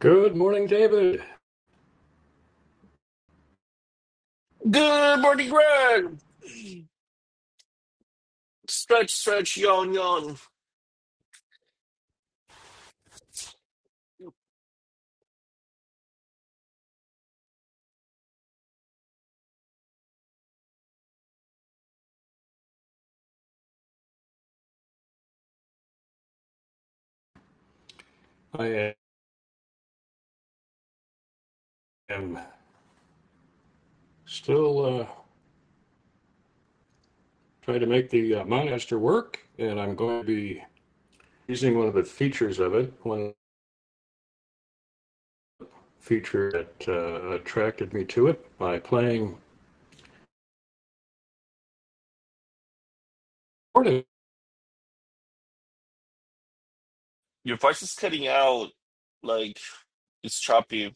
Good morning, David. Good morning, Greg. Stretch, stretch, yawn, yawn. I am still uh, trying to make the uh, Monaster work, and I'm going to be using one of the features of it, one feature that uh, attracted me to it by playing Portis. Your voice is cutting out, like it's choppy.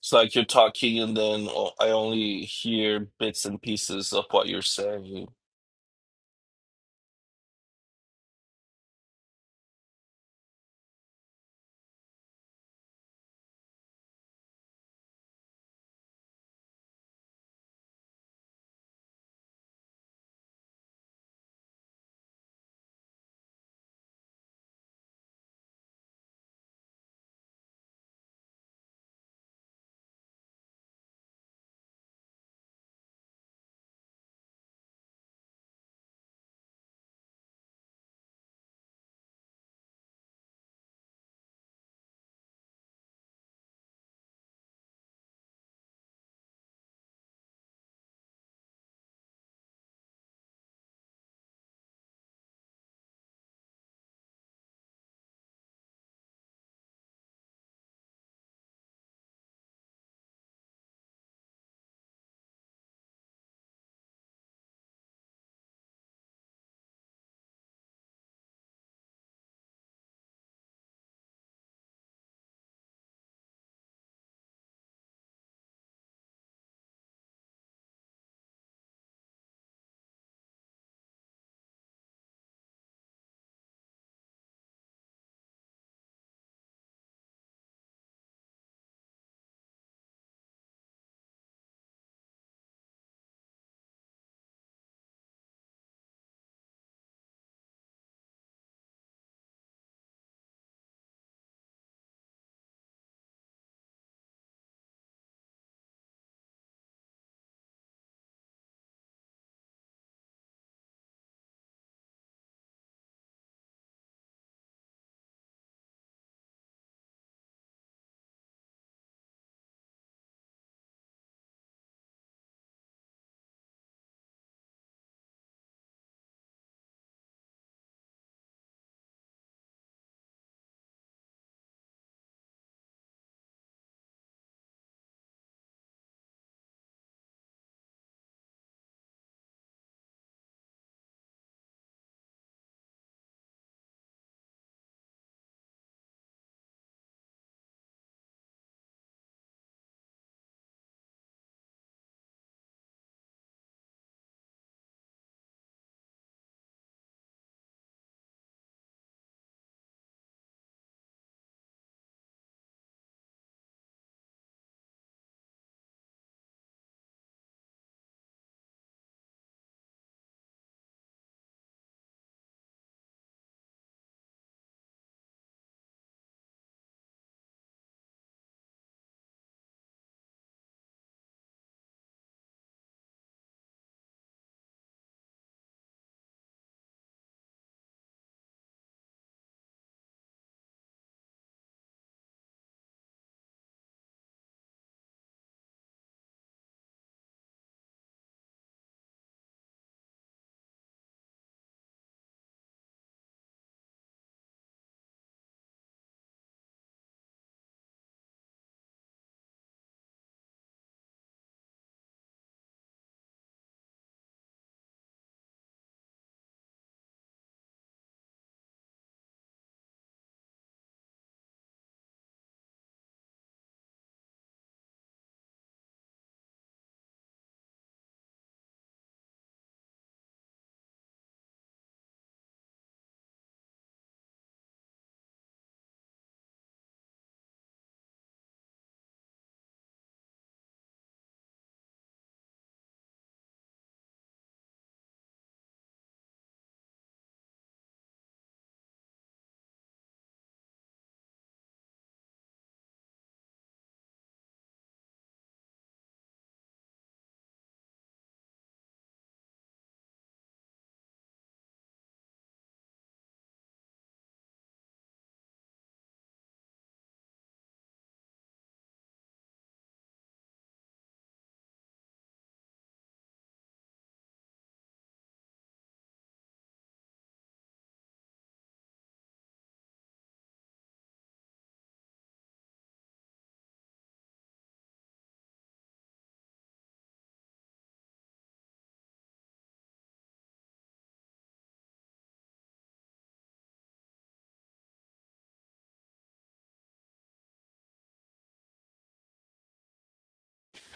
It's like you're talking, and then oh, I only hear bits and pieces of what you're saying.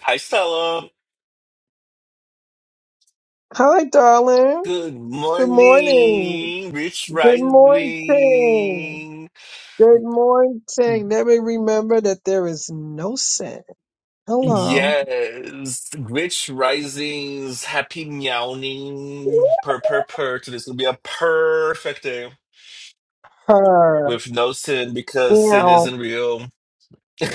Hi, Stella. Hi, darling. Good Good morning. morning, Rich Good morning. Rising. Good morning. Let me remember that there is no sin. Hello. Yes, Rich Rising's happy meowing. Purr, pur purr. purr. Today's gonna be a perfect day. Her. with no sin because sin Yeah. isn't real.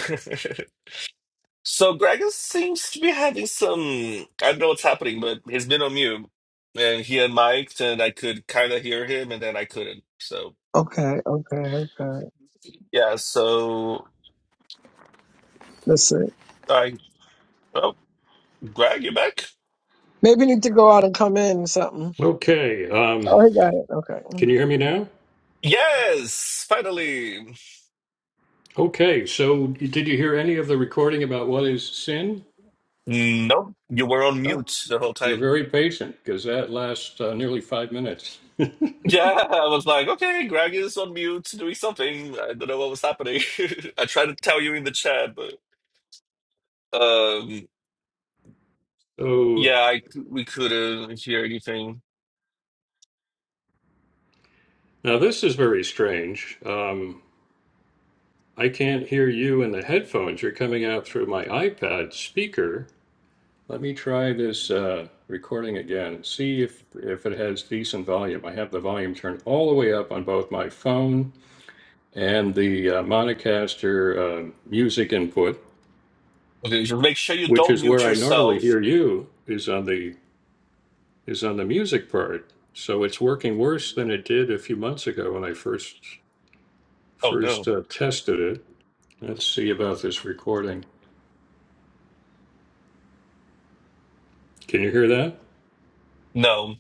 so Greg seems to be having some. I don't know what's happening, but he's been on mute, and he and Mike, and I could kind of hear him, and then I couldn't. So Okay, okay, okay. yeah, so Listen. I. Oh, Greg, you back? Maybe you need to go out and come in or something. Okay, Oh, um, I got it. Okay. can you hear me now? Yes, finally. Okay, so did you hear any of the recording about what is sin? Nope, you were on Oh, mute the whole you're time. very patient because that lasts uh, nearly five minutes. Yeah, I was like, okay, Greg is on mute doing something. I don't know what was happening. I tried to tell you in the chat, but um, So yeah, I, we couldn't hear anything. now this is very strange. Um, I can't hear you in the headphones. You're coming out through my iPad speaker. Let me try this uh, recording again. See if, if it has decent volume. I have the volume turned all the way up on both my phone and the uh, Monocaster uh, music input, Okay, just make sure you which don't is where mute I normally yourself. hear you, is on the is on the music part. So it's working worse than it did a few months ago when I first Oh first no, uh, tested it. Let's see about this recording. Can you hear that? no,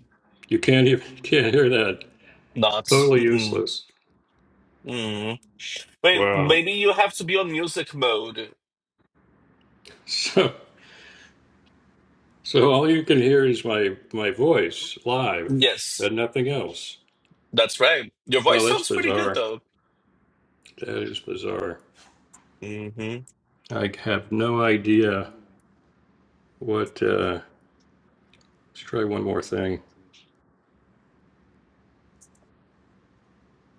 You can't even can't hear that. not. Totally Mm-mm. useless. Mm. Wait, Wow. maybe you have to be on music mode. So so all you can hear is my my voice live Yes, and nothing else. that's right. Your voice Oh, that's sounds pretty good bizarre. though. That is bizarre. Mm-hmm. I have no idea what. Uh, let's try one more thing.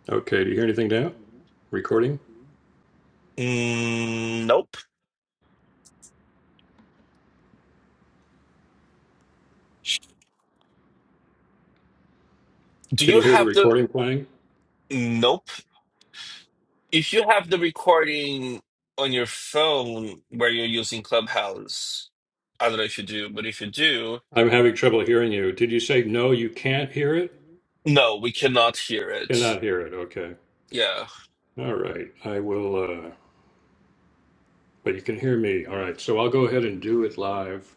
Okay, do you hear anything now? Recording? Mm, nope. Do Can you you hear the have the? recording playing? Nope. If you have the recording on your phone where you're using Clubhouse, I don't know if you do, but if you do, I'm having trouble hearing you. Did you say no? You can't hear it. no, we cannot hear it. Cannot hear it. Okay. Yeah. All right. I will. Uh, but you can hear me. All right, so I'll go ahead and do it live.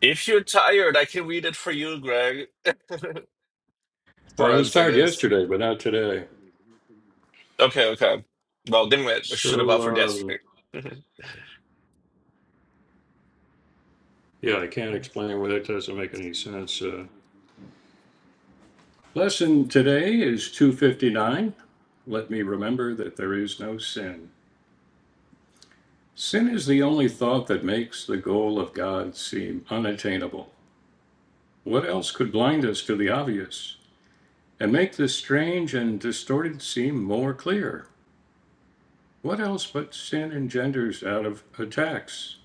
If you're tired, I can read it for you, Greg. Uh, for I was us, I tired guess. yesterday, but not today. Okay, okay. Well, damn it. I should have So, offered yesterday. um, yeah, I can't explain why that doesn't make any sense. Uh, lesson today is 259. Let me remember that there is no sin. Sin is the only thought that makes the goal of God seem unattainable. What else could blind us to the obvious and make the strange and distorted seem more clear? What else but sin engenders out of attacks?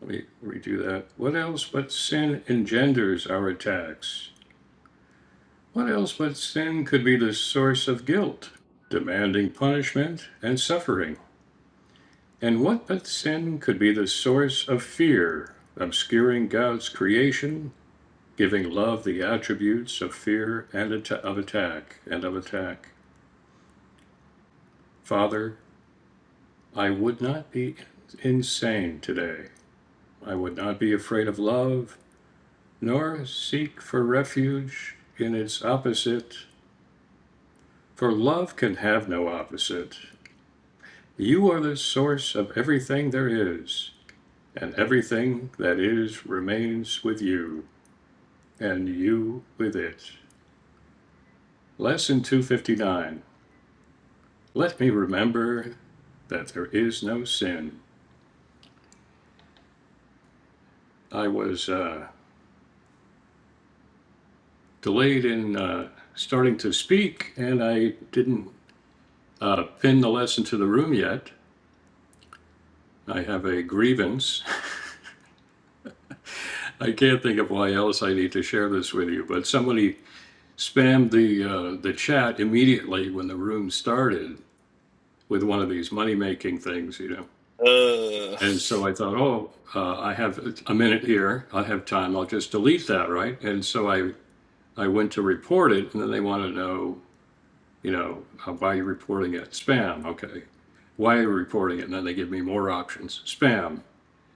Let me redo that. What else but sin engenders our attacks? What else but sin could be the source of guilt, demanding punishment and suffering? And what but sin could be the source of fear, obscuring God's creation, giving love the attributes of fear and of attack and of attack? Father, I would not be insane today. I would not be afraid of love nor seek for refuge in its opposite, for love can have no opposite. You are the source of everything there is, and everything that is remains with you, and you with it. Lesson 259. Let me remember that there is no sin. I was uh, delayed in uh, starting to speak, and I didn't uh, pin the lesson to the room yet. I have a grievance I can't think of why else I need to share this with you, but somebody spammed the uh, the chat immediately when the room started with one of these money making things, you know. uh, And so I thought, oh, uh, I have a minute here. I have time. I'll just delete that, right? And so I I went to report it, and then they want to know, you know, uh, why are you reporting it? Spam, okay. Why are you reporting it? And then they give me more options. Spam.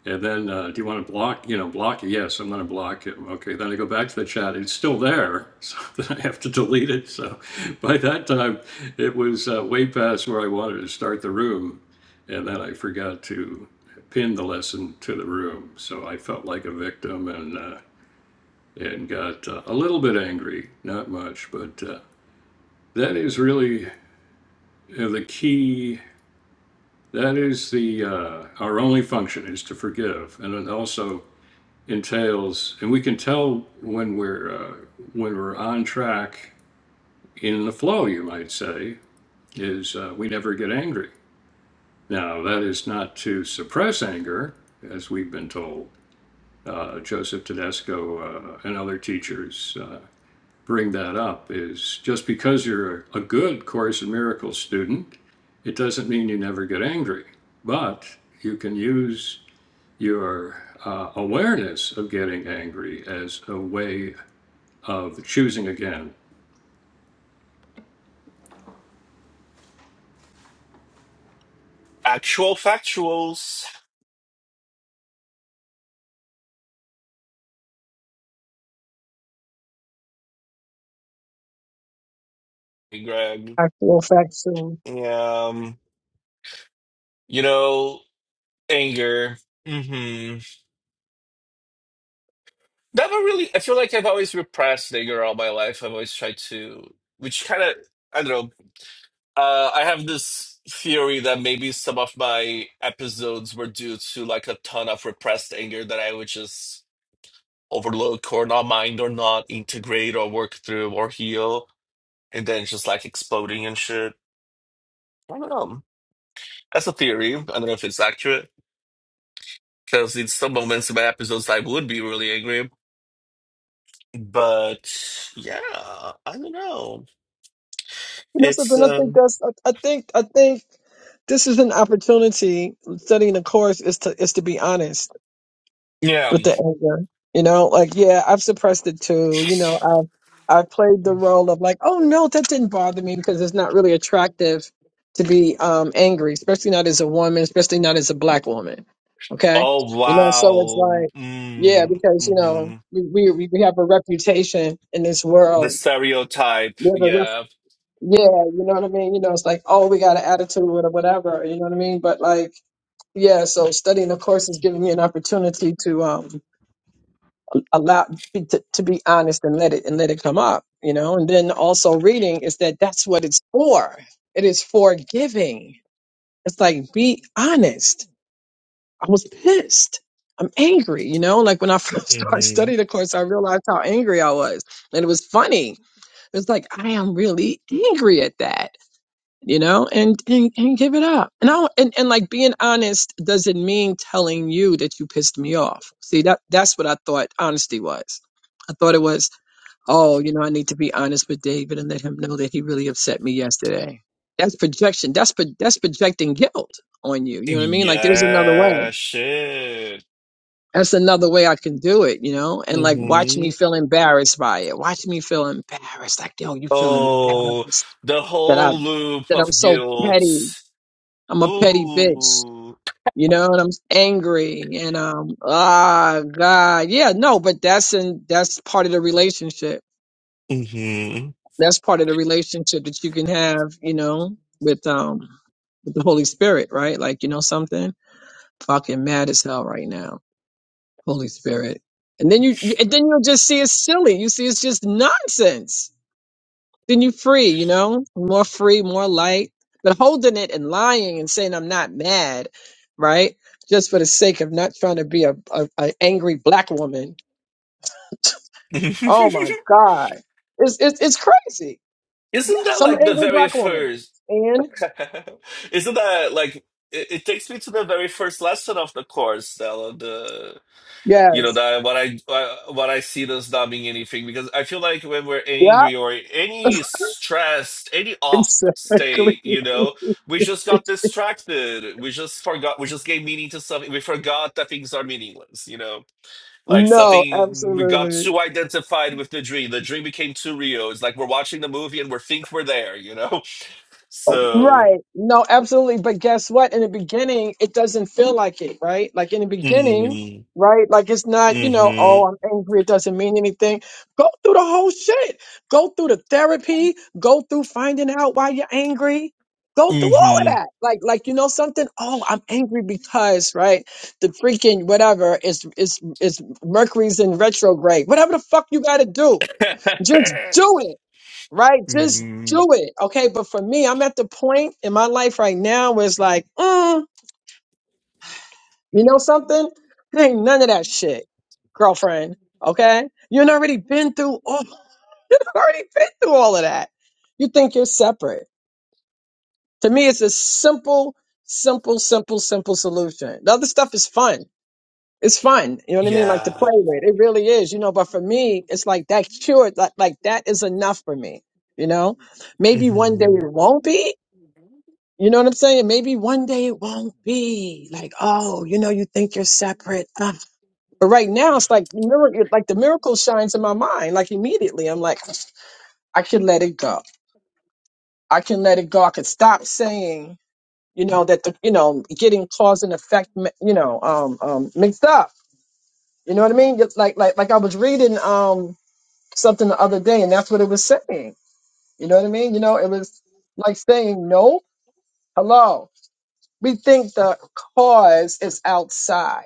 And then, uh, do you want to block, you know, block? it? Yes, I'm going to block it. Okay. Then I go back to the chat. It's still there. So then I have to delete it. So by that time, it was uh, way past where I wanted to start the room. And then I forgot to pin the lesson to the room. So I felt like a victim and, uh, and got uh, a little bit angry, not much, but uh, that is really uh, the key. That is the uh, our only function is to forgive, and then also entails, and we can tell when we're uh, when we're on track in the flow. You might say is uh, we never get angry. Now that is not to suppress anger, as we've been told. Uh, Joseph Tedesco uh, and other teachers uh, bring that up. Is just because you're a good Course in Miracles student, it doesn't mean you never get angry. But you can use your uh, awareness of getting angry as a way of choosing again. actual factuals, Hey, Greg. Actual fact soon. Yeah. um, you know, anger. Mm-hmm. Never really. I feel like I've always repressed anger all my life. I've always tried to, which kind of, I don't know. Uh, I have this theory that maybe some of my episodes were due to like a ton of repressed anger that I would just overlook or not mind or not integrate or work through or heal, and then just like exploding and shit. I don't know. That's a theory. I don't know if it's accurate because in some moments in my episodes I would be really angry, but yeah, I don't know. You know It's something? I um. think that's, I, I think, I think this is an opportunity studying the course is to, is to be honest Yeah. with the anger. You know, like yeah, I've suppressed it too. You know, I've I've played the role of like, oh no, that didn't bother me because it's not really attractive to be um angry, especially not as a woman, especially not as a black woman. Okay, Oh you know, so it's wow. like yeah, Mm, because you know hmm we we, we have a reputation in this The world. stereotype. We have a rep- Yeah. yeah, you know what I mean. You know, it's like oh, we got an attitude or whatever. You know what I mean. But like yeah, so studying the course is giving me an opportunity to um allow be- to, to be honest and let it and let it come up you know and then also reading is that that's what it's for it is for giving it's like be honest i was pissed i'm angry you know like when i first started hmm studying the course i realized how angry i was and it was funny it was like i am really angry at that you know and and, and give it up and i and, and like being honest doesn't mean telling you that you pissed me off see that that's what i thought honesty was I thought it was Oh, you know, I need to be honest with David and let him know that he really upset me yesterday. That's projection. That's pro- that's projecting guilt on you. You know what I mean? Like there's another way. Yeah. Shit. That's another way I can do it, you know? And like watch me hmm feel embarrassed by it. Watch me feel embarrassed. Like, yo, you feel Oh, embarrassed the that I whole loop that I'm of so guilt. petty. I'm a petty bitch. Ooh. You know, and I'm angry and um ah God. Yeah, no, but that's in that's part of the relationship hmm That's part of the relationship that you can have, you know, with um with the Holy Spirit, right? Like, you know something? Fucking mad as hell right now. Holy Spirit. And then you, you and then you'll just see it's silly. You see it's just nonsense. Then you free, you know? More free, more light. But holding it and lying and saying I'm not mad, right? Just for the sake of not trying to be a, a, a angry black woman. Oh my God. It's it's it's crazy. Isn't Yes, that I'm an like the angry very black woman. first? and. Isn't that like it, it takes me to the very first lesson of the course, Stella? You know Yes. that what I uh, what I see does not mean anything because I feel like when we're Yeah. angry or any stressed, any off Exactly. state, you know, we just got distracted. We just forgot. We just gave meaning to something. We forgot that things are meaningless. You know, like no, something we got absolutely. too identified with the dream. The dream became too real. It's like we're watching the movie and we think we're there. You know, so. Right. No, absolutely. But guess what? In the beginning, it doesn't feel like it, right? Like in the beginning, Mm, right? Like it's not, you know, oh, mm-hmm. I'm angry. It doesn't mean anything. Go through the whole shit. Go through the therapy. Go through finding out why you're angry. Go through all of Mm-hmm. that. Like, like, you know something? Oh, I'm angry because, right? The freaking whatever is, is, is Mercury's in retrograde. Whatever the fuck you gotta do. Just do it right? Just do it. Okay. But for me, I'm at the point in my life right now where it's like, mm, you know something? Ain't none of that shit, girlfriend. Okay. You've already been through all already been through all of that. You think you're separate. To me, it's a simple, simple, simple, simple solution. The other stuff is fun. It's fun. You know what I mean? Like to play yeah. with. It really is, you know, but for me, it's like that cured, like, like that is enough for me, you know? Maybe one day it won't be, You know what I'm saying? Maybe one day it won't be like, oh, you know, you think you're separate. Ah. But right now it's like miracle, like the miracle shines in my mind. Like immediately I'm like, I can let it go. I can let it go. I can stop saying, you know, that the, you know, getting cause and effect, mi- you know, um, um, mixed up. You know what I mean? Just Like, like, like I was reading, um, something the other day and that's what it was saying. You know what I mean? You know, it was like saying, no, hello. We think the cause is outside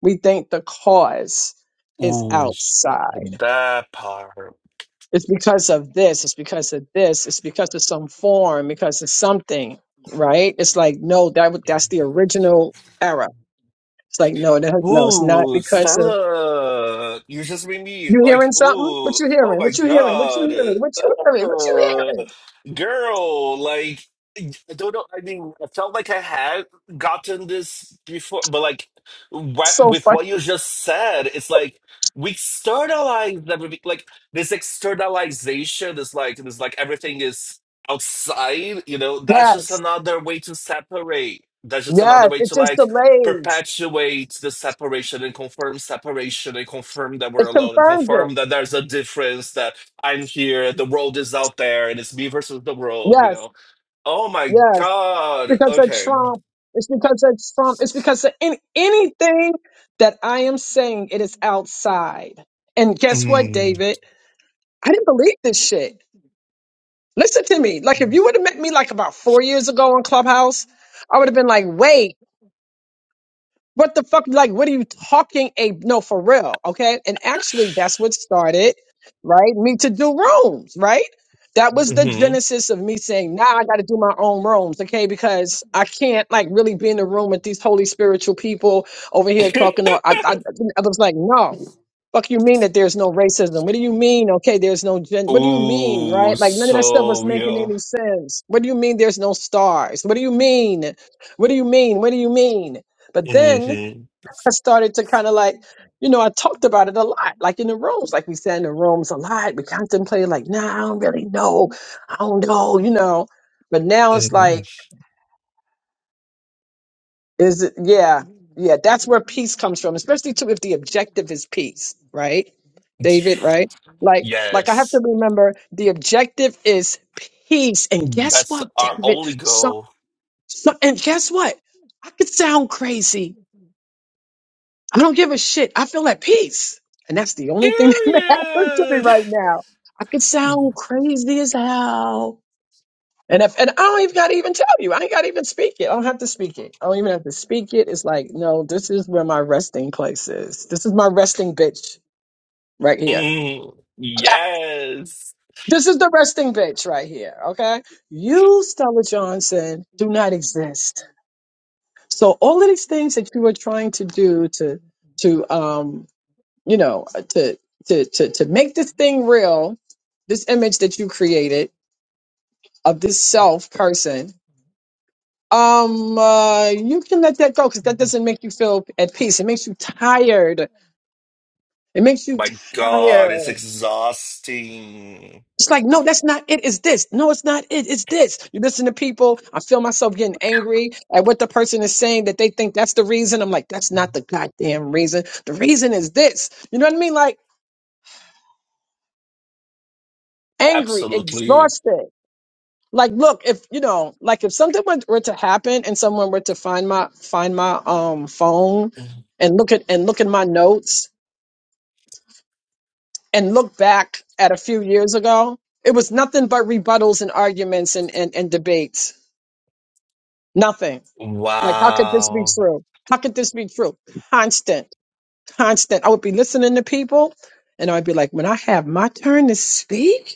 We think the cause is outside. That part. It's because of this, it's because of this, it's because of some form, because of something, right? It's like, no, that wa- that's the original era. It's like, no, that, no, it's not Ooh, because of Stella, you just made me you like, hearing something? What ooh, you oh hearing? my What you hearing? What God. you hearing? What you hearing? What you Uh, hearing? girl, like, I don't know. I mean, I felt like I had gotten this before, but like, what, So with fun. what you just said, it's like we externalize everything. Like, this externalization is like, this like everything is outside, you know, that's just Yes. another way to separate. That's just another Yes. way It to just like, delays. perpetuate the separation and confirm separation and confirm that we're It alone and confirms it. confirm that there's a difference that I'm here, the world is out there, and it's me versus the world, you Yes. know. Oh my Yes. god. Because of Okay. Trump. It's because of Trump. It's because of any, anything that I am saying, it is outside. And guess what, Mm, David? I didn't believe this shit. Listen to me. Like, if you would have met me like about four years ago on Clubhouse, I would have been like, wait. What the fuck? Like, what are you talking? A no, for real, okay? And actually, that's what started, right? Me to do rooms, right? That was the mhm. genesis of me saying, now I got to do my own rooms, okay? Because I can't like really be in the room with these holy spiritual people over here talking. All, I, I, I was like, no. Fuck you mean that there's no racism? What do you mean? Okay, there's no gen. What do you mean, Ooh, right? Like none of that stuff was so making real. any sense. What do you mean there's no stars? What do you mean? What do you mean? What do you mean? But then Mhm, I started to kind of like, you know, I talked about it a lot, like in the rooms, like we said in the rooms a lot. We contemplated, like, nah, I don't really know. I don't know, you know. But now it's like, mhm. is it, yeah, yeah, that's where peace comes from, especially too if the objective is peace, right? David, right? Like, like I have to Yes. remember the objective is peace. And guess That's what, our David? only So, goal. so and guess what? I could sound crazy I don't give a shit. I feel at peace. And that's the only thing that matters to me Period. right now. I could sound crazy as hell. And if and I don't even gotta even tell you. I ain't gotta even speak it. I don't have to speak it. I don't even have to speak it. It's like, no, this is where my resting place is. This is my resting bitch right here. Mm, Okay? yes. This is the resting bitch right here. Okay. You, Stella Johnson, do not exist. So all of these things that you are trying to do to to um you know to to to to make this thing real this image that you created of this self person um uh, you can let that go because that doesn't make you feel at peace it makes you tired it makes Oh you my God, it's tired exhausting. it's like no that's not it it's this no it's not it it's this you listen to people i feel myself getting angry at what the person is saying that they think that's the reason i'm like that's not the goddamn reason the reason is this you know what i mean like angry Absolutely. exhausted Like, look, if you know, like if something were, were to happen and someone were to find my find my um phone and look at and look at my notes and look back at a few years ago, it was nothing but rebuttals and arguments and and, and debates. Nothing. Like, how could this be Wow. true? How could this be true? Constant, constant. I would be listening to people, and I'd be like, when I have my turn to speak.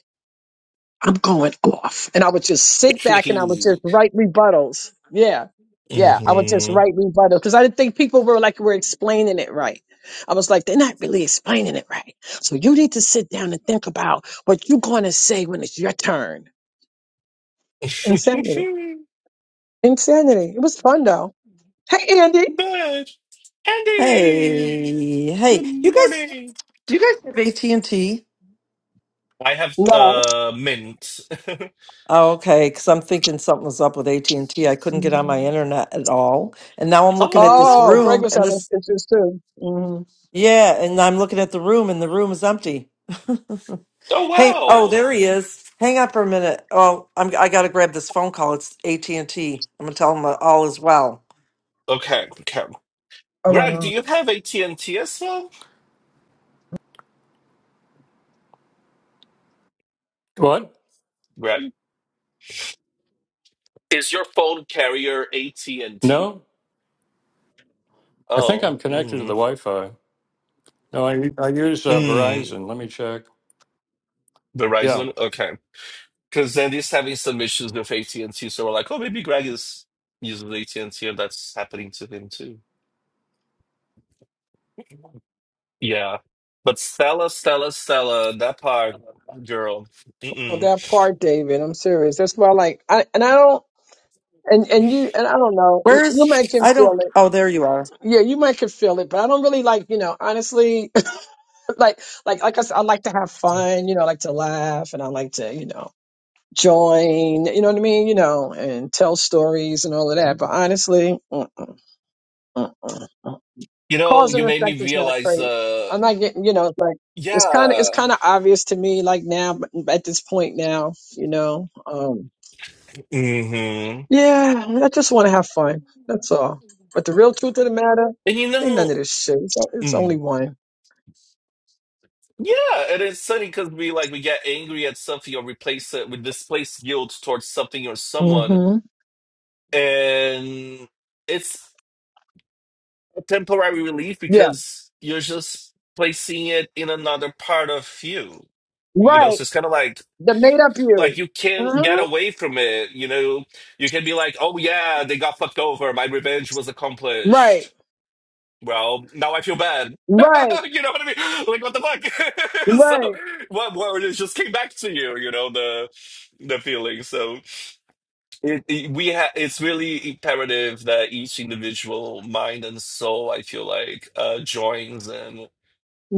I'm going off. And I would just sit back and I would just and write rebuttals. Yeah. Yeah. I would just write rebuttals because I didn't think people were like, were explaining it right. I was like, they're not really explaining it right. So you need to sit down and think about what you're going to say when it's your turn. Insanity. Insanity. It was fun though. Hey, Andy. Hey, hey, good you guys, morning. do you guys have AT&T? I have No. uh, mint. Oh, okay, because I'm thinking something was up with at and T. I couldn't get on my internet at all. And now I'm looking at Um, this Oh, Greg room was and having this, issues too. Mm-hmm. yeah, and I'm looking at the room and the room is empty. oh, Hey, oh, wow. there he is. Hang up for a minute. Oh, I'm, I gotta grab this phone call. It's at and ti am gonna tell him that all is well. Okay, okay. Greg, do Around. you have AT&T as well? What? Greg, is your phone carrier AT&T? No, I think Oh, I'm connected to mm, the Wi-Fi. No, I I use uh, mm, Verizon. Let me check. Yeah, Verizon. Okay. because then he's having some issues with AT&T. So we're like, oh, maybe Greg is using AT&T and T, and that's happening to him too. Yeah. But Stella, Stella, Stella, that part, girl. Oh, Mm-mm. that part, David. I'm serious. That's why, like, I and I don't. And and you and I don't know. You Where you is, make him I feel don't, it. oh, there you are. Yeah, you make him feel it. But I don't really like, you know, honestly, like like like I said, I like to have fun, you know, I like to laugh and I like to, you know, join, you know what I mean, you know, and tell stories and all of that. But honestly, mm-mm, mm-mm, mm. mm, mm. You know, cause you and made effect me is not realize, great. uh, I'm not getting, you know, it's like it's kind of it's yeah. kind of obvious to me like now but at this point now, you know. Um hmm And Yeah, I just want to have fun. That's all. But the real truth of the matter, you ain't none know, of this shit. It's, it's only mm, one. yeah, and it's funny because we like we get angry at something or replace it with displaced guilt towards something or someone, hmm and it's a temporary relief Yeah. because you're just placing it in another part of you. You know, Right. so it's kind of like The made up like you. you can't get hmm away from it. You know, you can be like, "Oh yeah, they got fucked over. My revenge was Right. accomplished." Well, now I feel bad. Right. you know what I mean? Like what the fuck? so Right. what? What it just came back to you? You know the the feeling. So. It, it- we ha it's really imperative that each individual mind and soul, I feel like, uh, joins and,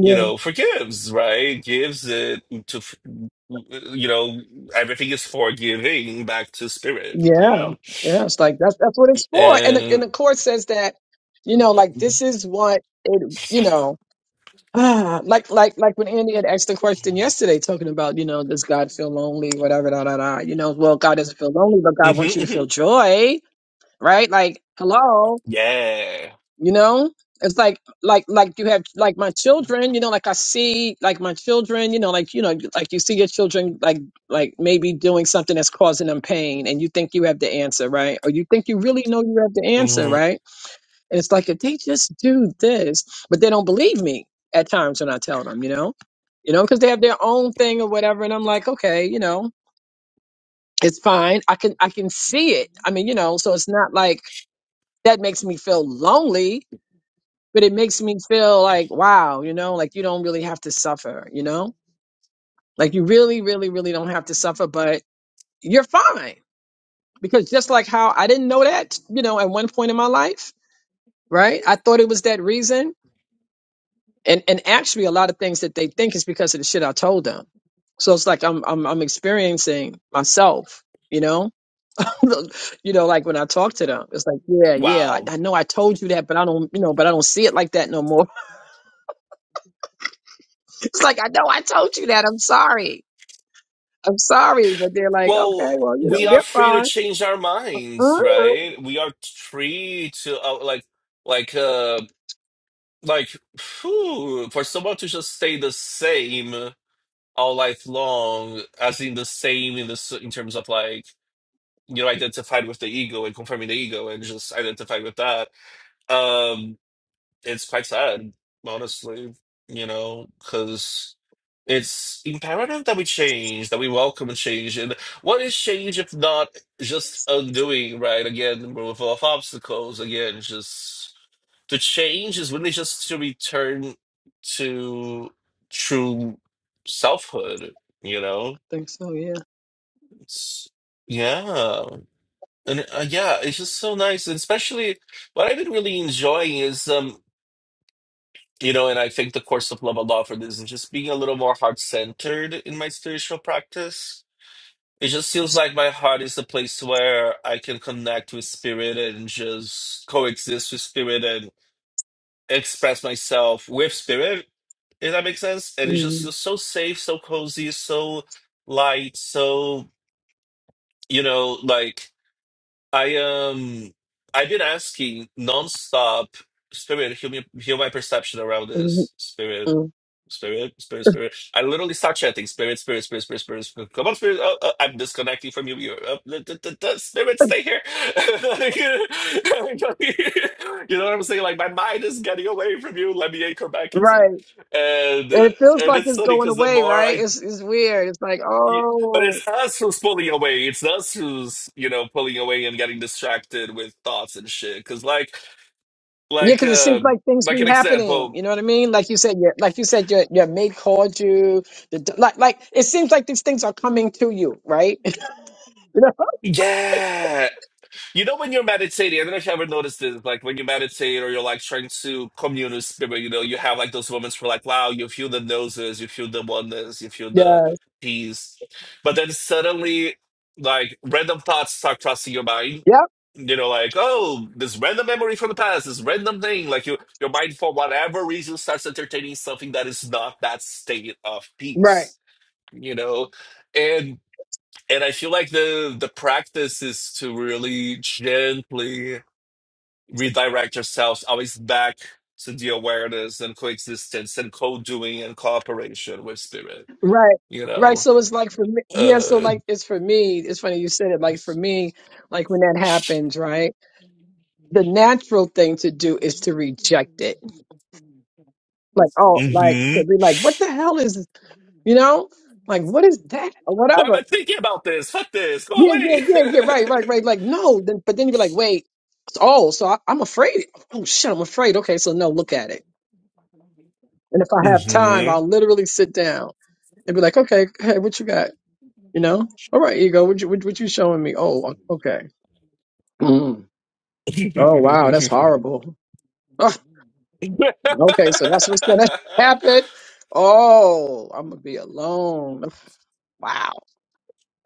you know, forgives, right? Gives it to, f- you know, everything is forgiving back to spirit, you Yeah. know? Yeah. It's like that's that's what it's for. And the, and And the court says that, you know, like this Mhm, is what it, you know. Ah, like like like when Andy had asked the question yesterday, talking about you know does God feel lonely, whatever, da da da. You know, well God doesn't feel lonely, but God wants you to feel mhm. joy right? Like, hello, Yeah. you know, it's like, like, like you have, like my children, you know, like I see, like my children, you know, like, you know, like you see your children, like, like maybe doing something that's causing them pain and you think you have the answer, right? Or you think you really know you have the answer, hmm right? And it's like, if they just do this, but they don't believe me at times when I tell them, you know, you know, because they have their own thing or whatever. And I'm like, okay, you know, it's fine. I can, I can see it. I mean, you know, so it's not like, that makes me feel lonely but it makes me feel like wow you know like you don't really have to suffer you know like you really really really don't have to suffer but you're fine because just like how i didn't know that you know at one point in my life right i thought it was that reason and and actually a lot of things that they think is because of the shit i told them so it's like i'm i'm, I'm experiencing myself you know you know like when i talk to them it's like yeah yeah I, Wow. I know i told you that but i don't you know but i don't see it like that no more it's like i know i told you that i'm sorry I'm sorry, but they're like, Well, okay, well, you know, we are they're free to fine. change our Uh, minds, I right? We are free to uh, like like uh. Like, phew, for someone to just stay the same all life long, as in the same in this in terms of like you know identified with the ego and confirming the ego and just identified with that. Um, it's quite sad, honestly, you know, because it's imperative that we change, that we welcome change. And what is change if not just undoing, right? Again, we're full of obstacles, again, just to change is really just to return to true selfhood, you know? think so, yeah. It's, yeah. And uh, yeah, it's just so nice. And especially what I've been really enjoying is. um. You know, and I think the course of love Allah for this is just being a little more heart centered in my spiritual practice. It just feels like my heart is the place where I can connect with spirit and just coexist with spirit and express myself with spirit, if that makes sense. And it just mm feels so safe, so cozy, so light, so, you know, like I um I've been asking nonstop, spirit, heal me, heal my perception around mm this, spirit mm. Spirit, spirit, spirit. I literally start chanting, spirit, spirit, spirit, spirit, spirit. spirit. Come on, spirit. Uh, uh, I'm disconnecting from you. You're uh, the, the, the, the spirit, stay here. you know what I'm saying? Like my mind is getting away from you. Let me anchor back into you. Right. And And uh, it feels and like it's it's funny going because the away, more right? I, It's, it's weird. It's like, but oh, it's us who's pulling away. It's us who's you know pulling away and getting distracted with thoughts and shit. Because like yeah, like because it seems um like things like be an happening. example. You know what I mean? Like you said, your, like you said, your, your mate called you. The, d- like, like it seems like these things are coming to you, right? You know? Yeah. You know, when you're meditating, I don't know if you ever noticed this, like when you meditate or you're like trying to commune with spirit, you know, you have like those moments where like, wow, you feel the noses, you feel the oneness, you feel yeah. the peace. But then suddenly, like random thoughts start crossing your mind. Yep. You know, like, oh, this random memory from the past, this random thing. Like you, your mind, for whatever reason, starts entertaining something that is not that state of Right. peace. You know, and and I feel like the the practice is to really gently redirect yourselves always back to the awareness and coexistence and co-doing and cooperation with spirit. Right. You Right. know, So it's like for me, yeah. So uh, like it's for me. It's funny you said it. Like for me, like when that happens, right? the natural thing to do is to reject it. Like, oh, like to mhm. be like, what the hell is, you know, like what is that or why am I whatever. thinking about this? Fuck this, go Yeah, yeah, away. yeah, yeah. Right, right, right. Like, no. Then, but then you're like, wait. Oh, so I, I'm afraid. Oh shit, I'm afraid. Okay, so no, look at it. And if I have time, Mhm. I'll literally sit down and be like, okay, hey, what you got? You know, all right, ego. What you what, what you showing me? Oh, okay. Mm. Oh wow, that's horrible. Okay, so that's what's gonna happen. Oh, I'm gonna be alone. Wow.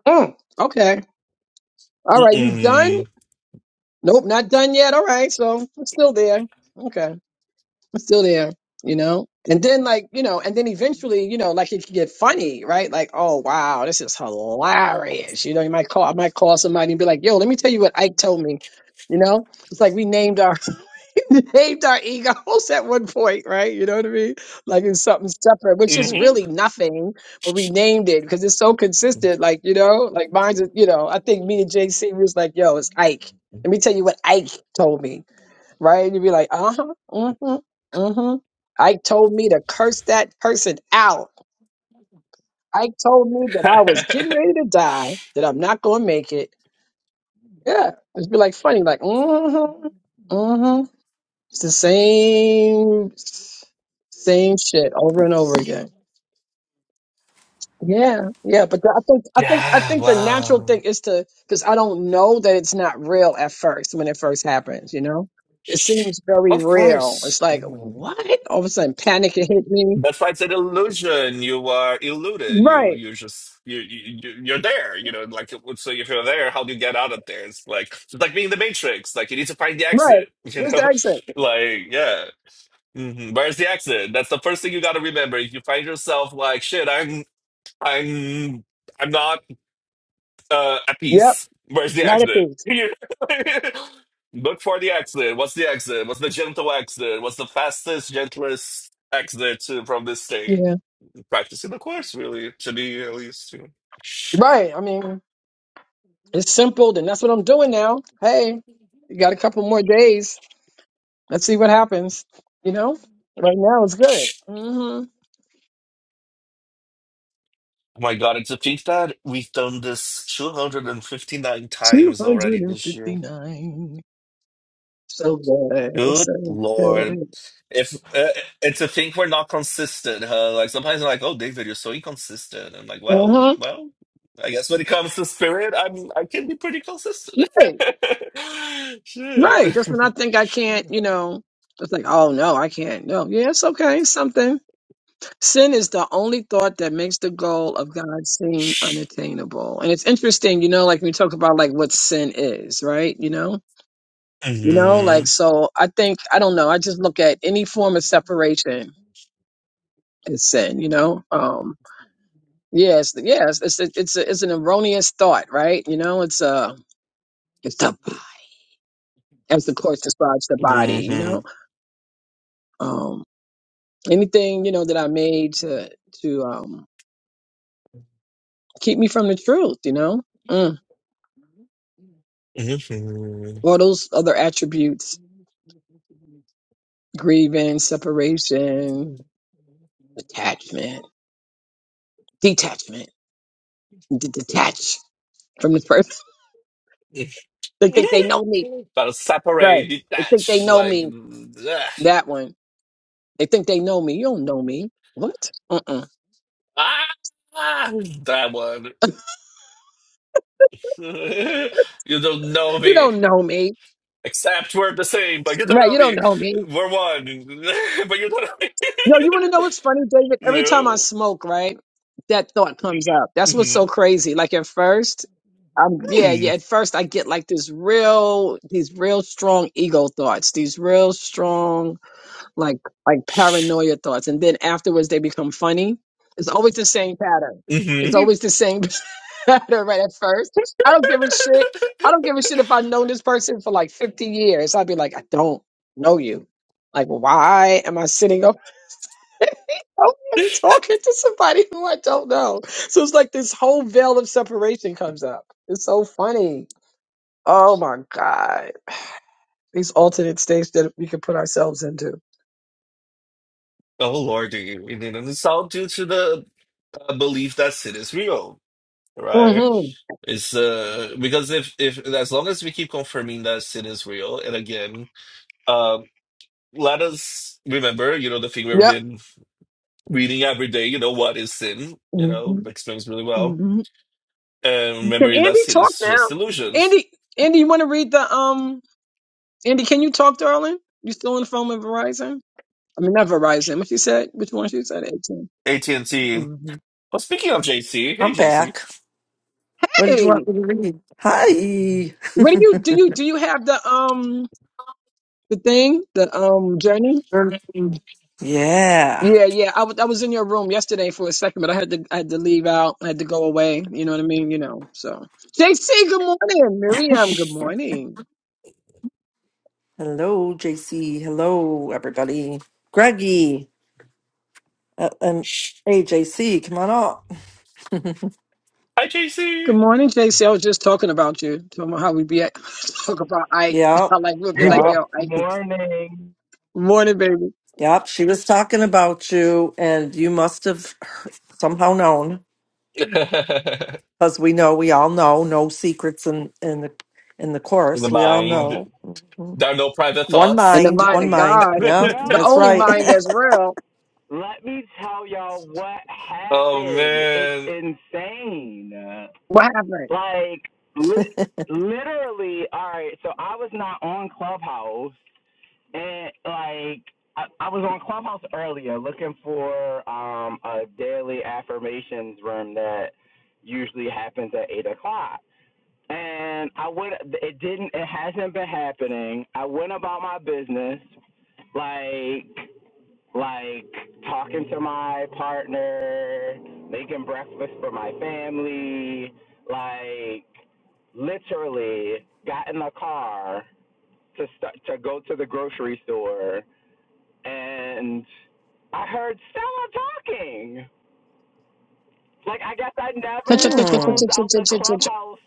Mm, okay. All right, you Mm-mm. done? Nope, not done yet. All right, so I'm still there. Okay, I'm still there. You know, and then like you know, and then eventually you know, like it could get funny, right? Like, oh wow, this is hilarious. You know, you might call, I might call somebody and be like, yo, let me tell you what Ike told me. You know, it's like we named our Saved our egos at one point, right? You know what I mean? Like it's something separate, which is Mhm. really nothing, but we named it because it's so consistent. Like, you know, like mine's, a- you know, I think me and JC was like, yo, it's Ike. Let me tell you what Ike told me, right? And you'd be like, uh huh, mm hmm, mm hmm. Ike told me to curse that person out. Ike told me that I was getting ready to die, that I'm not going to make it. Yeah. It'd be like funny, like, mm hmm, it's the same same shit over and over again. Yeah, yeah, but the- I think I think I think the natural thing is to because I don't know that it's not real at first when it first happens. You know, it seems very of real. course. It's like what? All of a sudden, panic it hit me. That's why it's an illusion. You are eluded. You Right, you just you, you you- you're there. You know, like so. If you're there, how do you get out of there? It's like it's like being in the Matrix. Like you need to find the right. exit. You Where's the know, exit? like yeah, hmm where's the exit? That's the first thing you got to remember. If you find yourself like shit, I'm I'm I'm not uh, at Yep, peace. Where's the not at exit? these. Look for the exit. What's the exit? What's the gentle exit? What's the fastest, gentlest exit to, from this state? Yeah, practicing the course, really, to me at least. you know. right. I mean, it's simple, and that's what I'm doing now. Hey, you got a couple more days. Let's see what happens. You know, right now it's good. hmm Oh my God, and to think that we've done this 259 times already this year. 259. So good. It's Good so Lord. good. If uh, and to think we're not consistent, huh? Like sometimes I'm like, oh, David, you're so inconsistent. I'm like, Uh well, huh. well, I guess when it comes to spirit, I'm I can be pretty consistent. Right. Shit. Right. Just when I think I can't, you know, just like, oh no, I can't. No. Yeah, it's okay. It's something. Sin is the only thought that makes the goal of God seem unattainable. And it's interesting, you know, like we talk about like what sin is, right? You know? You know, hmm like so I think I don't know, I just look at any form of separation is said. You know, um, yes, yes, it's it's it's, a, it's an erroneous thought, right? You know, it's uh it's the as the course describes the body. You hmm know, um, anything you know that I made to to um keep me from the truth. You know, mm. hmm all those other attributes: grieving, separation, attachment, detachment, D- detach from this person. they think they know me, Gotta right? separate, They think they detach, know like. me. That one. They think they know me. You don't know me. What? Uh. Uh. Ah, that one. you don't know You me. don't know me. Except we're the same, but you don't Right, know you don't me. know me. We're one, but you don't know No, you want to know me. what's funny, David? you Every time I know? smoke, right, that thought comes up. That's what's so hmm crazy. Like at first, I'm yeah, yeah. At first, I get like this real, these real strong ego thoughts, these real strong like like paranoia thoughts and then afterwards they become funny it's always the same pattern it's hmm always the same pattern right at first i don't give a shit i don't give a shit if i've known this person for like 50 years i'd be like i don't know you like why am i sitting up out here talking to somebody who i don't know so it's like this whole veil of separation comes up it's so funny oh my god these alternate states that we can put ourselves into Oh, Lordy. And then it's all due to the uh, belief that sin is real, right? hmm It's uh, because if, if, as long as we keep confirming that sin is real, and again, um, let us remember, you know, the thing we've yep been reading every day, you know, what is sin, you Mm-hmm. know, explains really well. Mhm. And Can remembering that Andy sin talk is now? just illusions. Andy, Andy, you want to read the um? Andy, can you talk, darling? You still on the phone with Verizon? I mean, not Verizon. What she said? Which one she said? 18 AT&T. Mm-hmm. Well, speaking of JC, hey, I'm JC. back. What did you Hey, want me to read? Hi. what do you do? You do you have the um the thing the um journey? Thirteen. Yeah. Yeah, yeah. I was I was in your room yesterday for a second, but I had to I had to leave out. I had to go away. You know what I mean? You know. So JC, good morning. Miriam, good morning. Hello, JC. Hello, everybody. Greggy uh, and hey, JC, come on up. Hi, Good JC. morning, J C. I was just talking about you, talking about how we be at, talk about Ike. Yeah, I like we'll be like, yeah, yo, Ike. Morning. Good morning, baby. yep. She was talking about you, and you must have somehow known, because we know, we all know, no secrets in in the in the In the course. We Switched all off. Oh. know. mind, Mhm. there are no private One In thoughts. the mind, Let mind one of me mind. God, Yeah, the that's no. only right. Let me mind that's real. let me tell y'all what oh, happened. It's man. insane. What happened? Like li- literally. All right. So I was not on Clubhouse, and like I, I was on Clubhouse earlier, looking for um a daily affirmations room that usually happens at eight o'clock. and I went. It didn't. It hasn't been happening. I went about my business, like like talking to my partner, making breakfast for my family, like literally got in the car to start to go to the grocery store, and I heard Stella talking like I guess I Ch- ch- never ch- ch- ch- Hmm. ch- closed ch- out the ch- ch- ch- ch- clubhouse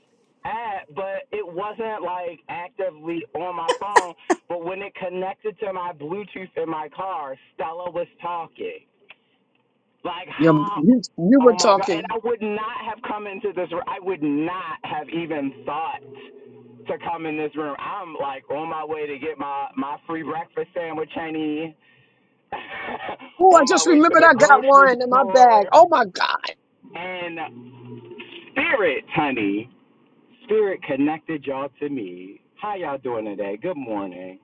app, but it wasn't like actively on my phone. But when it connected to my Bluetooth in my car, Stella was talking. Like You, how? you, you were Oh my god! And talking. I would not have come into this. room. I would not have even thought to come in this room. I'm like on my way to get my my free breakfast sandwich, honey. Oh, I on my just way to remembered the I got one grocery in my bag. store Oh my God. and spirits, honey. Spirit connected y'all to me. How y'all doing today? Good morning.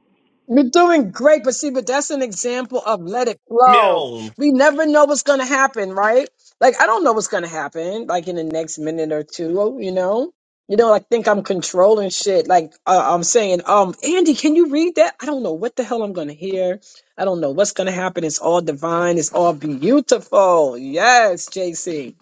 You're doing great, but see, but that's an example of let it flow. Meow. We never know what's gonna happen, right? Like I don't know what's gonna happen, like in the next minute or two, you know. You know, I think I'm controlling shit. Like uh, I'm saying, um, Andy, can you read that? I don't know what the hell I'm gonna hear. I don't know what's gonna happen. It's all divine. It's all beautiful. Yes, JC.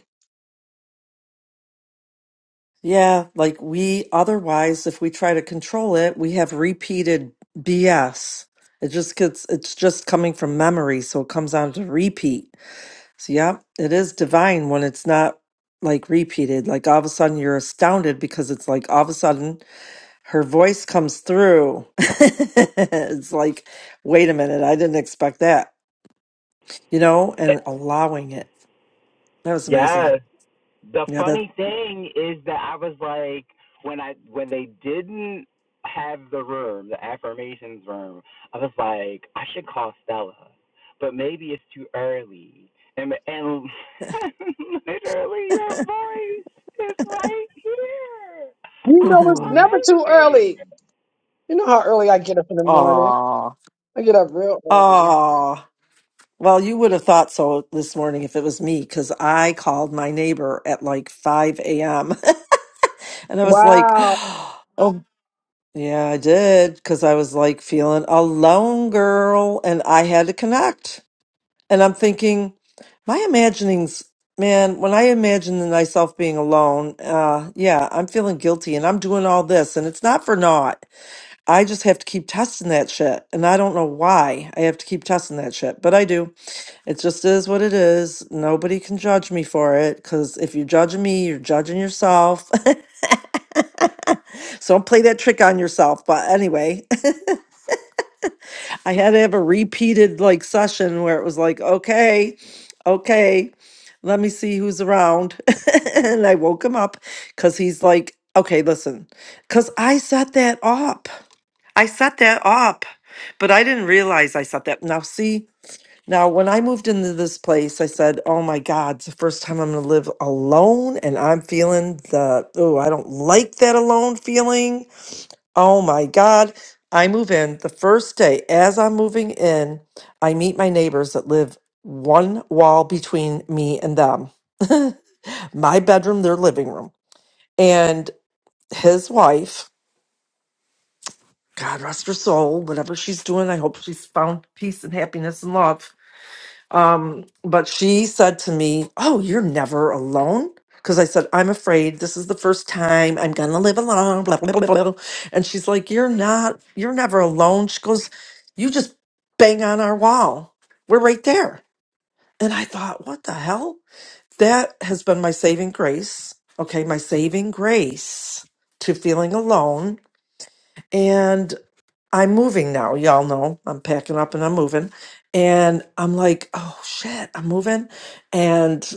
Yeah, like we otherwise, if we try to control it, we have repeated BS. It just gets, it's just coming from memory. So it comes down to repeat. So, yeah, it is divine when it's not like repeated. Like all of a sudden you're astounded because it's like all of a sudden her voice comes through. It's like, wait a minute, I didn't expect that, you know, and allowing it. That was amazing. Yes. The Yeah, that. funny thing is that I was like, when I when they didn't have the room, the affirmations room, I was like, I should call Stella, but maybe it's too early. And and literally, your voice is right here. You know, How it's never too amazing! early. You know how early I get up in the morning. Aw. I get up real early. Aw. Well, you would have thought so this morning if it was me, because I called my neighbor at like 5 a.m. and I was like, Wow, oh, yeah, I did, because I was like feeling alone, girl, and I had to connect. And I'm thinking, my imaginings, man, when I imagine myself being alone, uh, yeah, I'm feeling guilty and I'm doing all this, and it's not for naught. I just have to keep testing that shit. And I don't know why I have to keep testing that shit, but I do. It just is what it is. Nobody can judge me for it because if you're judging me, you're judging yourself. so don't play that trick on yourself. But anyway, I had to have a repeated like session where it was like, okay, okay, let me see who's around. and I woke him up because he's like, okay, listen, because I set that up. I set that up, but I didn't realize I set that. Now, see, now when I moved into this place, I said, "Oh my God, it's the first time I'm going to live alone," and I'm feeling the oh, I don't like that alone feeling. Oh my God, I move in the first day. As I'm moving in, I meet my neighbors that live one wall between me and them. my bedroom, their living room, and his wife. God rest her soul, whatever she's doing, I hope she's found peace and happiness and love. Um, but she said to me, Oh, you're never alone. Because I said, I'm afraid this is the first time I'm gonna live alone, blah, blah, blah, blah. And she's like, You're not, you're never alone. She goes, You just bang on our wall. We're right there. And I thought, What the hell? That has been my saving grace. Okay, my saving grace to feeling alone. and. I'm moving now. Y'all know I'm packing up and I'm moving. And I'm like, oh shit, I'm moving and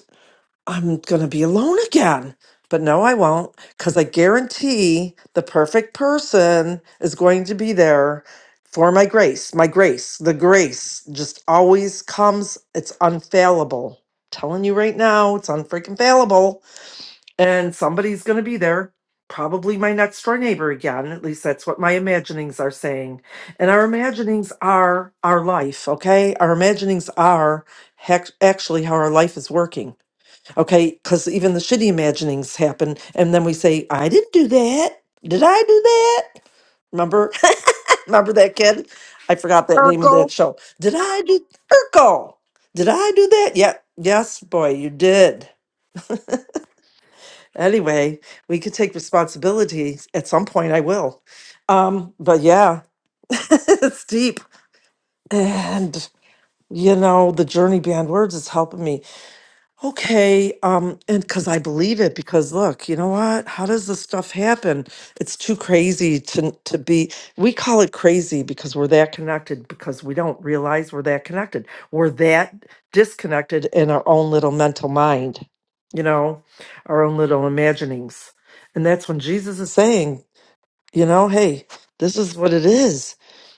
I'm going to be alone again. But no, I won't because I guarantee the perfect person is going to be there for my grace. My grace, the grace just always comes. It's unfailable. telling you right now, it's unfreaking failable and somebody's going to be there probably my next door neighbor again at least that's what my imaginings are saying and our imaginings are our life okay our imaginings are hac- actually how our life is working okay because even the shitty imaginings happen and then we say i didn't do that did i do that remember remember that kid i forgot that name of Urkel. that show did i do urkel did i do that yeah yes boy you did Anyway, we could take responsibility at some point. I will. Um, but yeah, it's deep. And, you know, the Journey Beyond Words is helping me. Okay, um, and because I believe it, because look, you know what? How does this stuff happen? It's too crazy to to be. We call it crazy because we're that connected because we don't realize we're that connected. We're that disconnected in our own little mental mind, you know, our own little imaginings. And that's when Jesus is saying you know hey this is what it is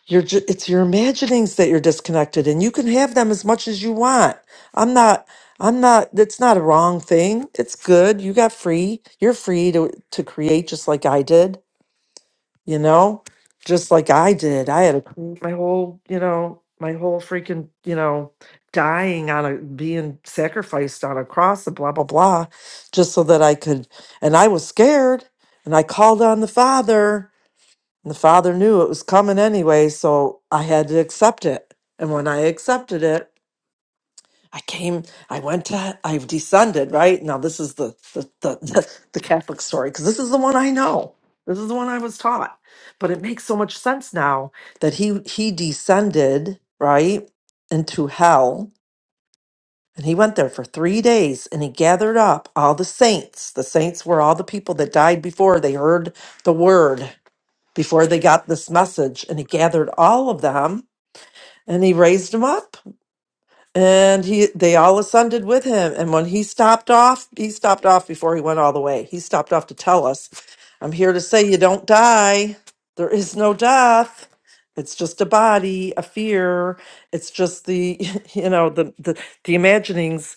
you're ju- it's your imaginings that you're disconnected and you can have them as much as you want i'm not i'm not it's not a wrong thing it's good you got free you're free to to create just like i did you know just like i did i had to create my whole you know my whole freaking you know dying on a being sacrificed on a cross and blah blah blah just so that i could and i was scared and i called on the father and the father knew it was coming anyway, so I had to accept it. And when I accepted it, I came, I went to, I've descended, right? Now, this is the, the, the, the, the Catholic story, because this is the one I know. This is the one I was taught. But it makes so much sense now that he, he descended, right, into hell. And he went there for three days and he gathered up all the saints. The saints were all the people that died before they heard the word before they got this message and he gathered all of them and he raised them up and he they all ascended with him and when he stopped off he stopped off before he went all the way he stopped off to tell us i'm here to say you don't die there is no death it's just a body a fear it's just the you know the the, the imaginings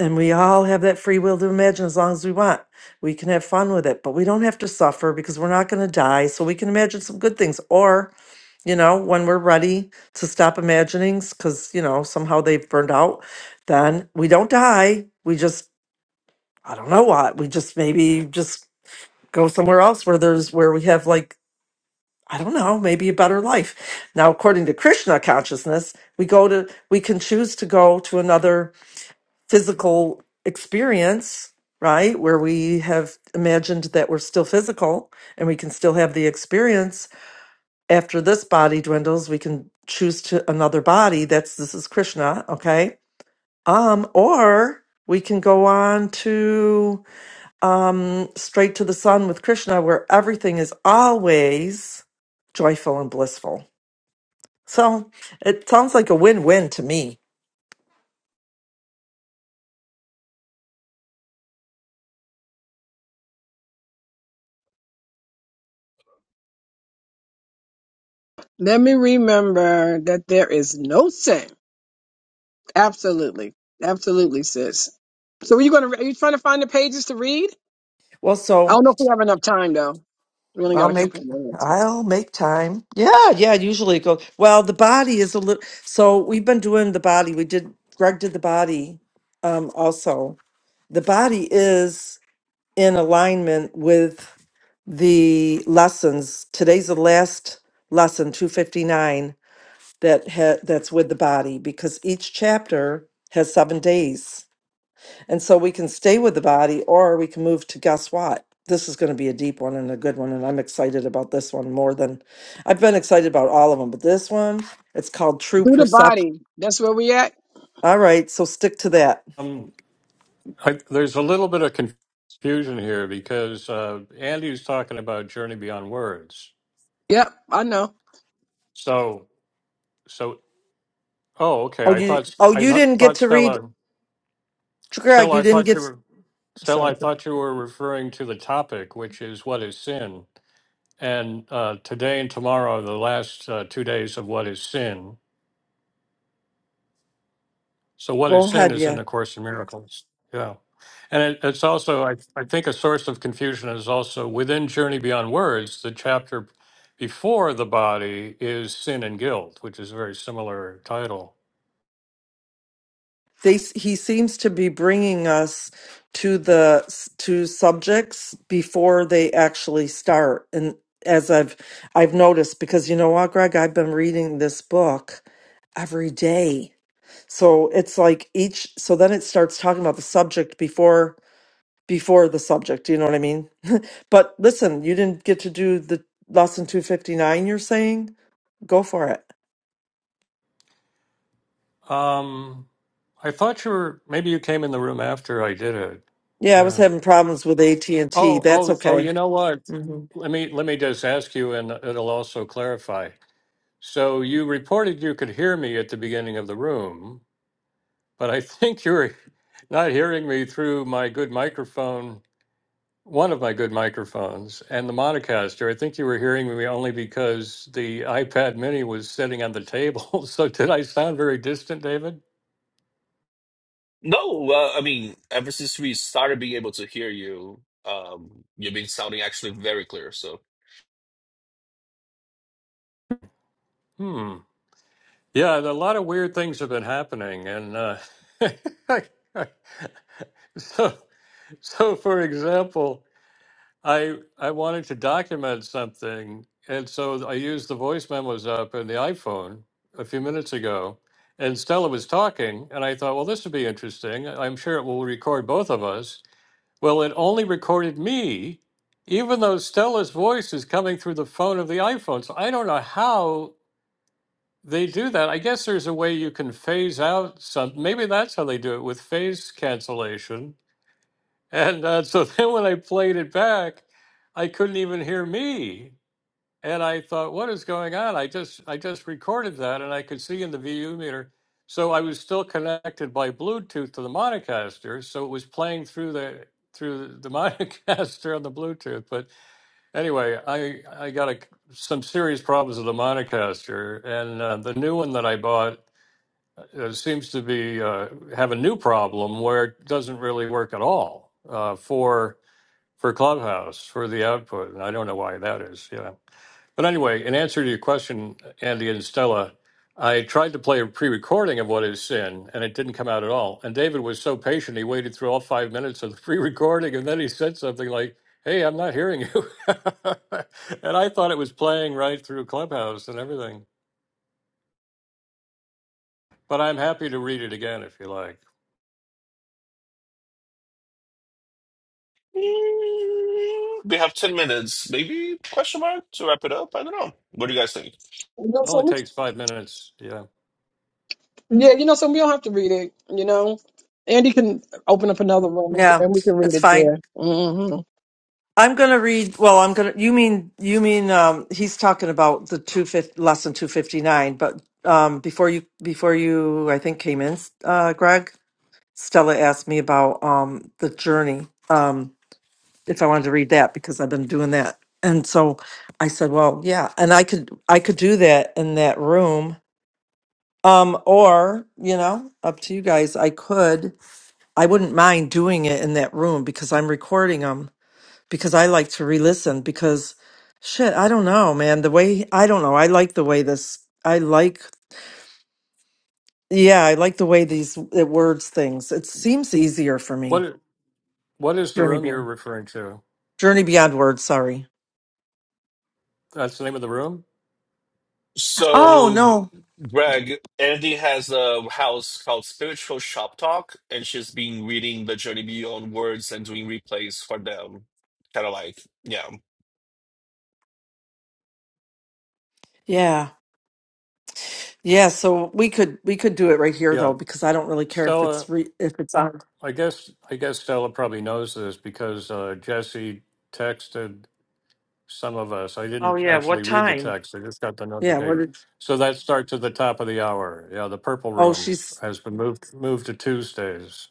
and we all have that free will to imagine as long as we want we can have fun with it, but we don't have to suffer because we're not going to die. So we can imagine some good things. or you know, when we're ready to stop imaginings, because, you know, somehow they've burned out, then we don't die. We just, I don't know what, we just maybe just go somewhere else where there's, where we have like, I don't know, maybe a better life. Now, according to Krishna consciousness, we go to, we can choose to go to another physical experience, right? Where we have imagined that we're still physical and we can still have the experience after this body dwindles, we can choose to another body. That's this is Krishna, okay? Um, or we can go on to um straight to the sun with Krishna, where everything is always joyful and blissful. So it sounds like a win-win to me. Let me remember that there is no sin. Absolutely. Absolutely, sis. So are you gonna are you trying to find the pages to read? Well, I so don't know if we have enough time though. We only I'll got a couple make of minutes. I'll make time. Yeah, yeah, usually it goes well, the body is a little so we've been doing the body. We did Greg did the body um also. The body is in alignment with the lessons. Today's the last lesson 259 that ha- that's with the body because each chapter has 7 days. And so we can stay with the body or we can move to guess what? This is going to be a deep one and a good one. And I'm excited about this one more than I've been excited about all of them, but this one, it's called True Do the Perception. body. That's where we at. All right. So stick to that. um, I, there's a little bit of confusion here because uh, Andy was talking about Journey Beyond Words. Yep, I know. So, so oh, okay. Oh, I you, thought oh, I you didn't get thought to read, Stella, Greg, Stella, you I didn't thought you get, were Stella. I sorry. thought you were referring to the topic, which is what is sin. And uh, today and tomorrow, are the last uh, two days of what is sin. So what Go is sin ahead. is Yeah. in A Course in Miracles. Yeah. And it, it's also, I, I think a source of confusion is also within Journey Beyond Words, the chapter before the body is Sin and Guilt, which is a very similar title. they he seems to be bringing us to the to subjects before they actually start and as i've i've noticed because you know what greg i've been reading this book every day so it's like each so then it starts talking about the subject before before the subject you know what i mean but listen you didn't get to do the lesson 259 you're saying go for it Um, I thought you were, maybe you came in the room after I did it. yeah i was Yeah. having problems with at&t Oh, that's oh, oh, okay you know what? hmm Let me, let me just ask you and it'll also clarify. So you reported you could hear me at the beginning of the room. but I think you're not hearing me through my good microphone, one of my good microphones, and the Monocaster. I think you were hearing me only because the iPad mini was sitting on the table. So did I sound very distant, David? No, uh, I mean, ever since we started being able to hear you, um, you've been sounding actually very clear. So. Hmm. Yeah, a lot of weird things have been happening. And uh, so, so, for example, I I wanted to document something, and so I used the voice memos app in the iPhone a few minutes ago, and Stella was talking, and I thought, well, this would be interesting. I'm sure it will record both of us. Well, it only recorded me, even though Stella's voice is coming through the phone of the iPhone. So I don't know how they do that. I guess there's a way you can phase out some. Maybe that's how they do it with phase cancellation and uh, so then when I played it back, I couldn't even hear me. And I thought, what is going on? I just I just recorded that and I could see in the VU meter. So I was still connected by Bluetooth to the Monocaster, so it was playing through the through the Monocaster on the Bluetooth. But anyway, I I got a, some serious problems with the Monocaster, and uh, the new one that I bought uh, seems to be uh, have a new problem where it doesn't really work at all uh, for for Clubhouse for the output, and I don't know why that is. Yeah, but anyway, in answer to your question, Andy and Stella, I tried to play a pre-recording of what is sin, and it didn't come out at all. And David was so patient; he waited through all five minutes of the pre-recording, and then he said something like, "Hey, I'm not hearing you," and I thought it was playing right through Clubhouse and everything. But I'm happy to read it again if you like. We have 10 minutes, maybe, question mark, to wrap it up. I don't know. What do you guys think? You know It only something? takes five minutes. Yeah. Yeah, you know something. We don't have to read it. You know, Andy can open up another room yeah and we can read it's it fine there. hmm No, I'm gonna read. Well, I'm gonna. You mean you mean um, he's talking about the two fifty lesson two fifty nine. But um, before you before you, I think came in, uh, Greg. Stella asked me about um, the journey. Um, if I wanted to read that because I've been doing that, and so I said, well, yeah, and I could I could do that in that room. Um, or you know, up to you guys. I could. I wouldn't mind doing it in that room because I'm recording them because I like to re-listen because shit, I don't know, man. The way I don't know, I like the way this. I like, yeah, I like the way these it words things. It seems easier for me. What What is the Journey room you're beyond. referring to? Journey beyond words. Sorry. That's the name of the room. Oh So, no. Greg, Andy has a house called Spiritual Shop Talk, and she's been reading The Journey Beyond Words and doing replays for them. Kind of like, yeah. Yeah. Yeah. So we could we could do it right here Yeah, though because I don't really care if Stella. it's re, if it's on. I guess I guess Stella probably knows this because uh, Jesse texted some of us. I Oh didn't yeah. What actually read the time? text. I just got the Yeah. What? notification. Did, So that starts at the top of the hour. Yeah, the purple oh, room she's has been moved moved to Tuesdays.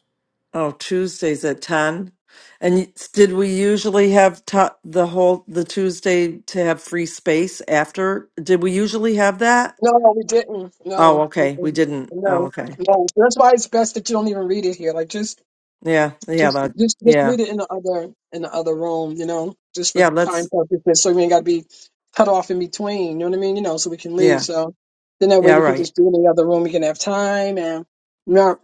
Oh, Tuesdays at 10. And y- did we usually have to, the whole the Tuesday to have free space after? Did we usually have that? no, we didn't. Oh, No, okay. We mm-mm. didn't. Oh, no, okay. no. That's why it's best that you don't even read it here. Like just Yeah. Yeah, Just, that. just, just Yeah. read it in the other in the other room, you know, just for Yeah, let's time purposes, so we ain't got to be cut off in between. You know what I mean? You know, so we can leave. yeah. So then that way Yeah, you can right. just do it in the other room. You can have time and not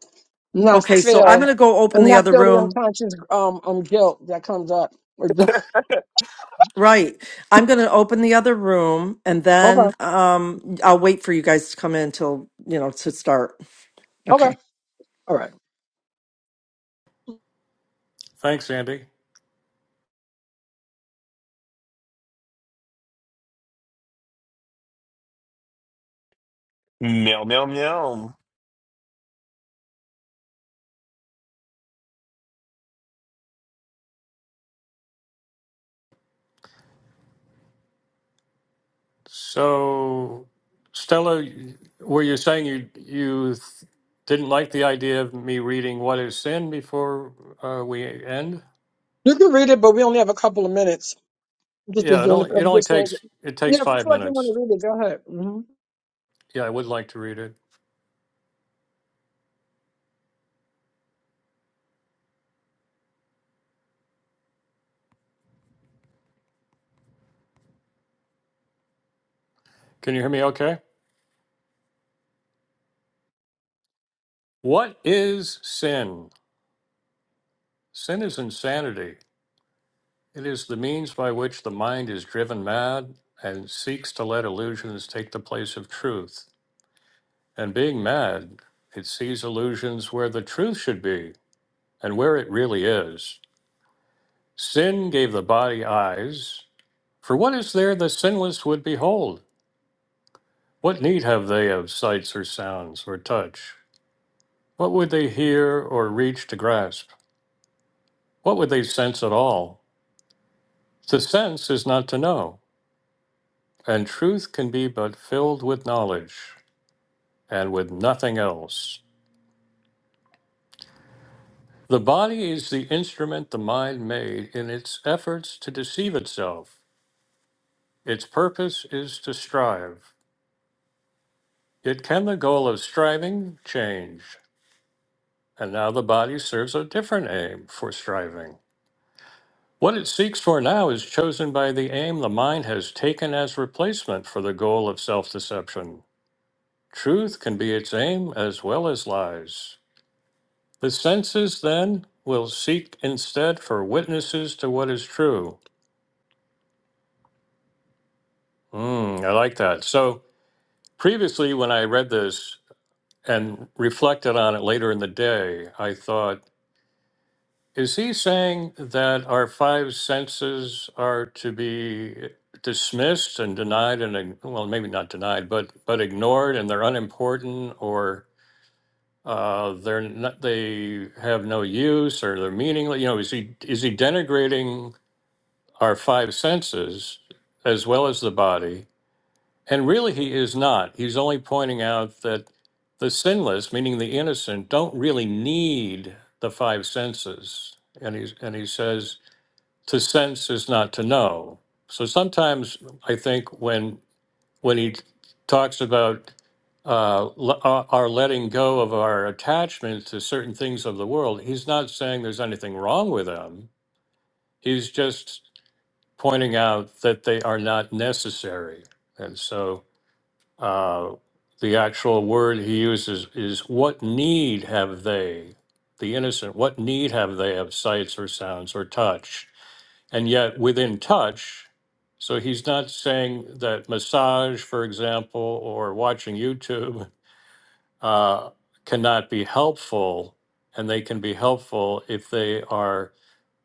not Okay, so I'm feel going to go open and the not other feel the room. unconscious um um guilt that comes up. okay, Right. I'm going to open the other room and then okay, um I'll wait for you guys to come in till, you know, to start. Okay. all right. Thanks, Andy. Meow, meow, meow. So, Stella, were you saying you you th- didn't like the idea of me reading "What Is Sin" before uh, we end? You can read it, but we only have a couple of minutes. I'm just, Yeah, just it doing it. only it I'm only just saying. takes it takes you know, if you five feel like you want minutes. to read it, go ahead. Mm-hmm. Yeah, I would like to read it. Can you hear me? Okay. What is sin? Sin is insanity. It is the means by which the mind is driven mad and seeks to let illusions take the place of truth. And being mad, it sees illusions where the truth should be and where it really is. Sin gave the body eyes. For what is there the sinless would behold? What need have they of sights or sounds or touch? What would they hear or reach to grasp? What would they sense at all? To sense is not to know. and truth can be but filled with knowledge and with nothing else. The body is the instrument the mind made in its efforts to deceive itself. Its purpose is to strive. Yet can the goal of striving change? And now the body serves a different aim for striving. What it seeks for now is chosen by the aim the mind has taken as replacement for the goal of self deception. Truth can be its aim as well as lies. The senses then will seek instead for witnesses to what is true. Mm, I like that. So previously, when I read this and reflected on it later in the day, I thought, is he saying that our five senses are to be dismissed and denied and ig- well maybe not denied but but ignored and they're unimportant or uh, they're not they have no use or they're meaningless you know is he is he denigrating our five senses as well as the body. And really, he is not. He's only pointing out that the sinless, meaning the innocent, don't really need the five senses. And, he's, and he says, to sense is not to know. So sometimes I think when, when he talks about uh, le- uh, our letting go of our attachment to certain things of the world, he's not saying there's anything wrong with them. He's just pointing out that they are not necessary. And so uh, the actual word he uses is, What need have they, the innocent, what need have they of sights or sounds or touch? And yet within touch, so he's not saying that massage, for example, or watching YouTube uh, cannot be helpful, and they can be helpful if they are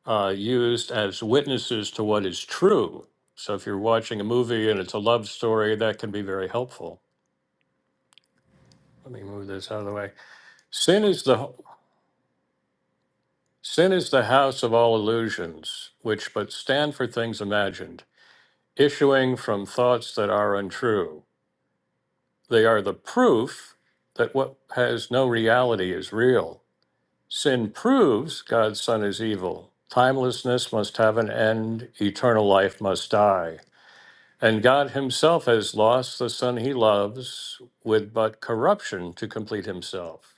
uh, used as witnesses to what is true. So if you're watching a movie and it's a love story, that can be very helpful. Let me move this out of the way. Sin is the sin is the house of all illusions, which but stand for things imagined, issuing from thoughts that are untrue. They are the proof that what has no reality is real. Sin proves God's Son is evil. Timelessness must have an end. Eternal life must die. And God himself has lost the son he loves with but corruption to complete himself.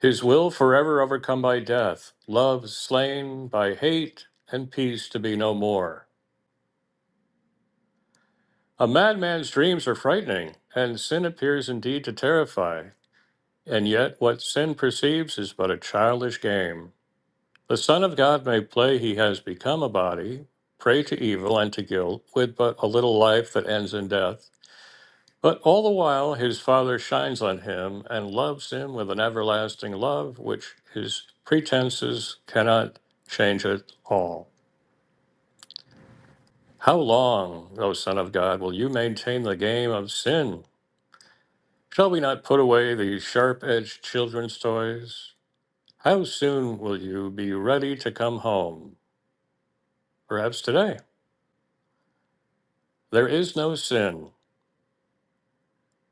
His will forever overcome by death, love slain by hate, and peace to be no more. A madman's dreams are frightening, and sin appears indeed to terrify. And yet, what sin perceives is but a childish game. The Son of God may play he has become a body, prey to evil and to guilt, with but a little life that ends in death But all the while his Father shines on him and loves him with an everlasting love which his pretenses cannot change at all. How long, O Son of God, will you maintain the game of sin? Shall we not put away these sharp edged children's toys? How soon will you be ready to come home? Perhaps today. There is no sin.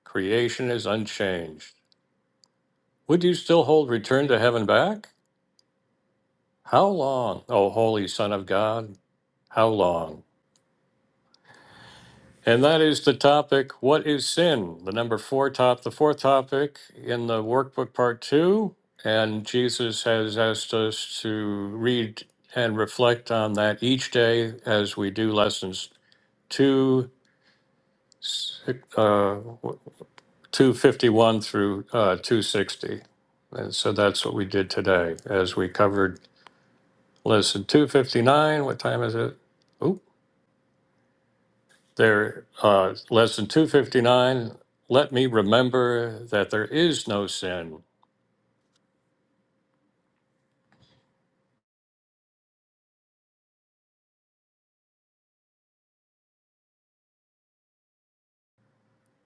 Creation is unchanged. Would you still hold return to heaven back? How long, O holy Son of God? How long? And that is the topic, What is Sin? The number four top, the fourth topic in the workbook part two. And Jesus has asked us to read and reflect on that each day as we do lessons two, si- uh, 251 through uh, 260. And so that's what we did today as we covered lesson 259. What time is it? There, uh, lesson 259 Let me remember that there is no sin.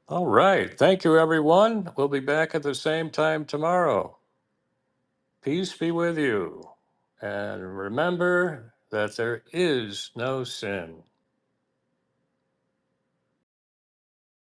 All right. Thank you, everyone. We'll be back at the same time tomorrow. Peace be with you. And remember that there is no sin.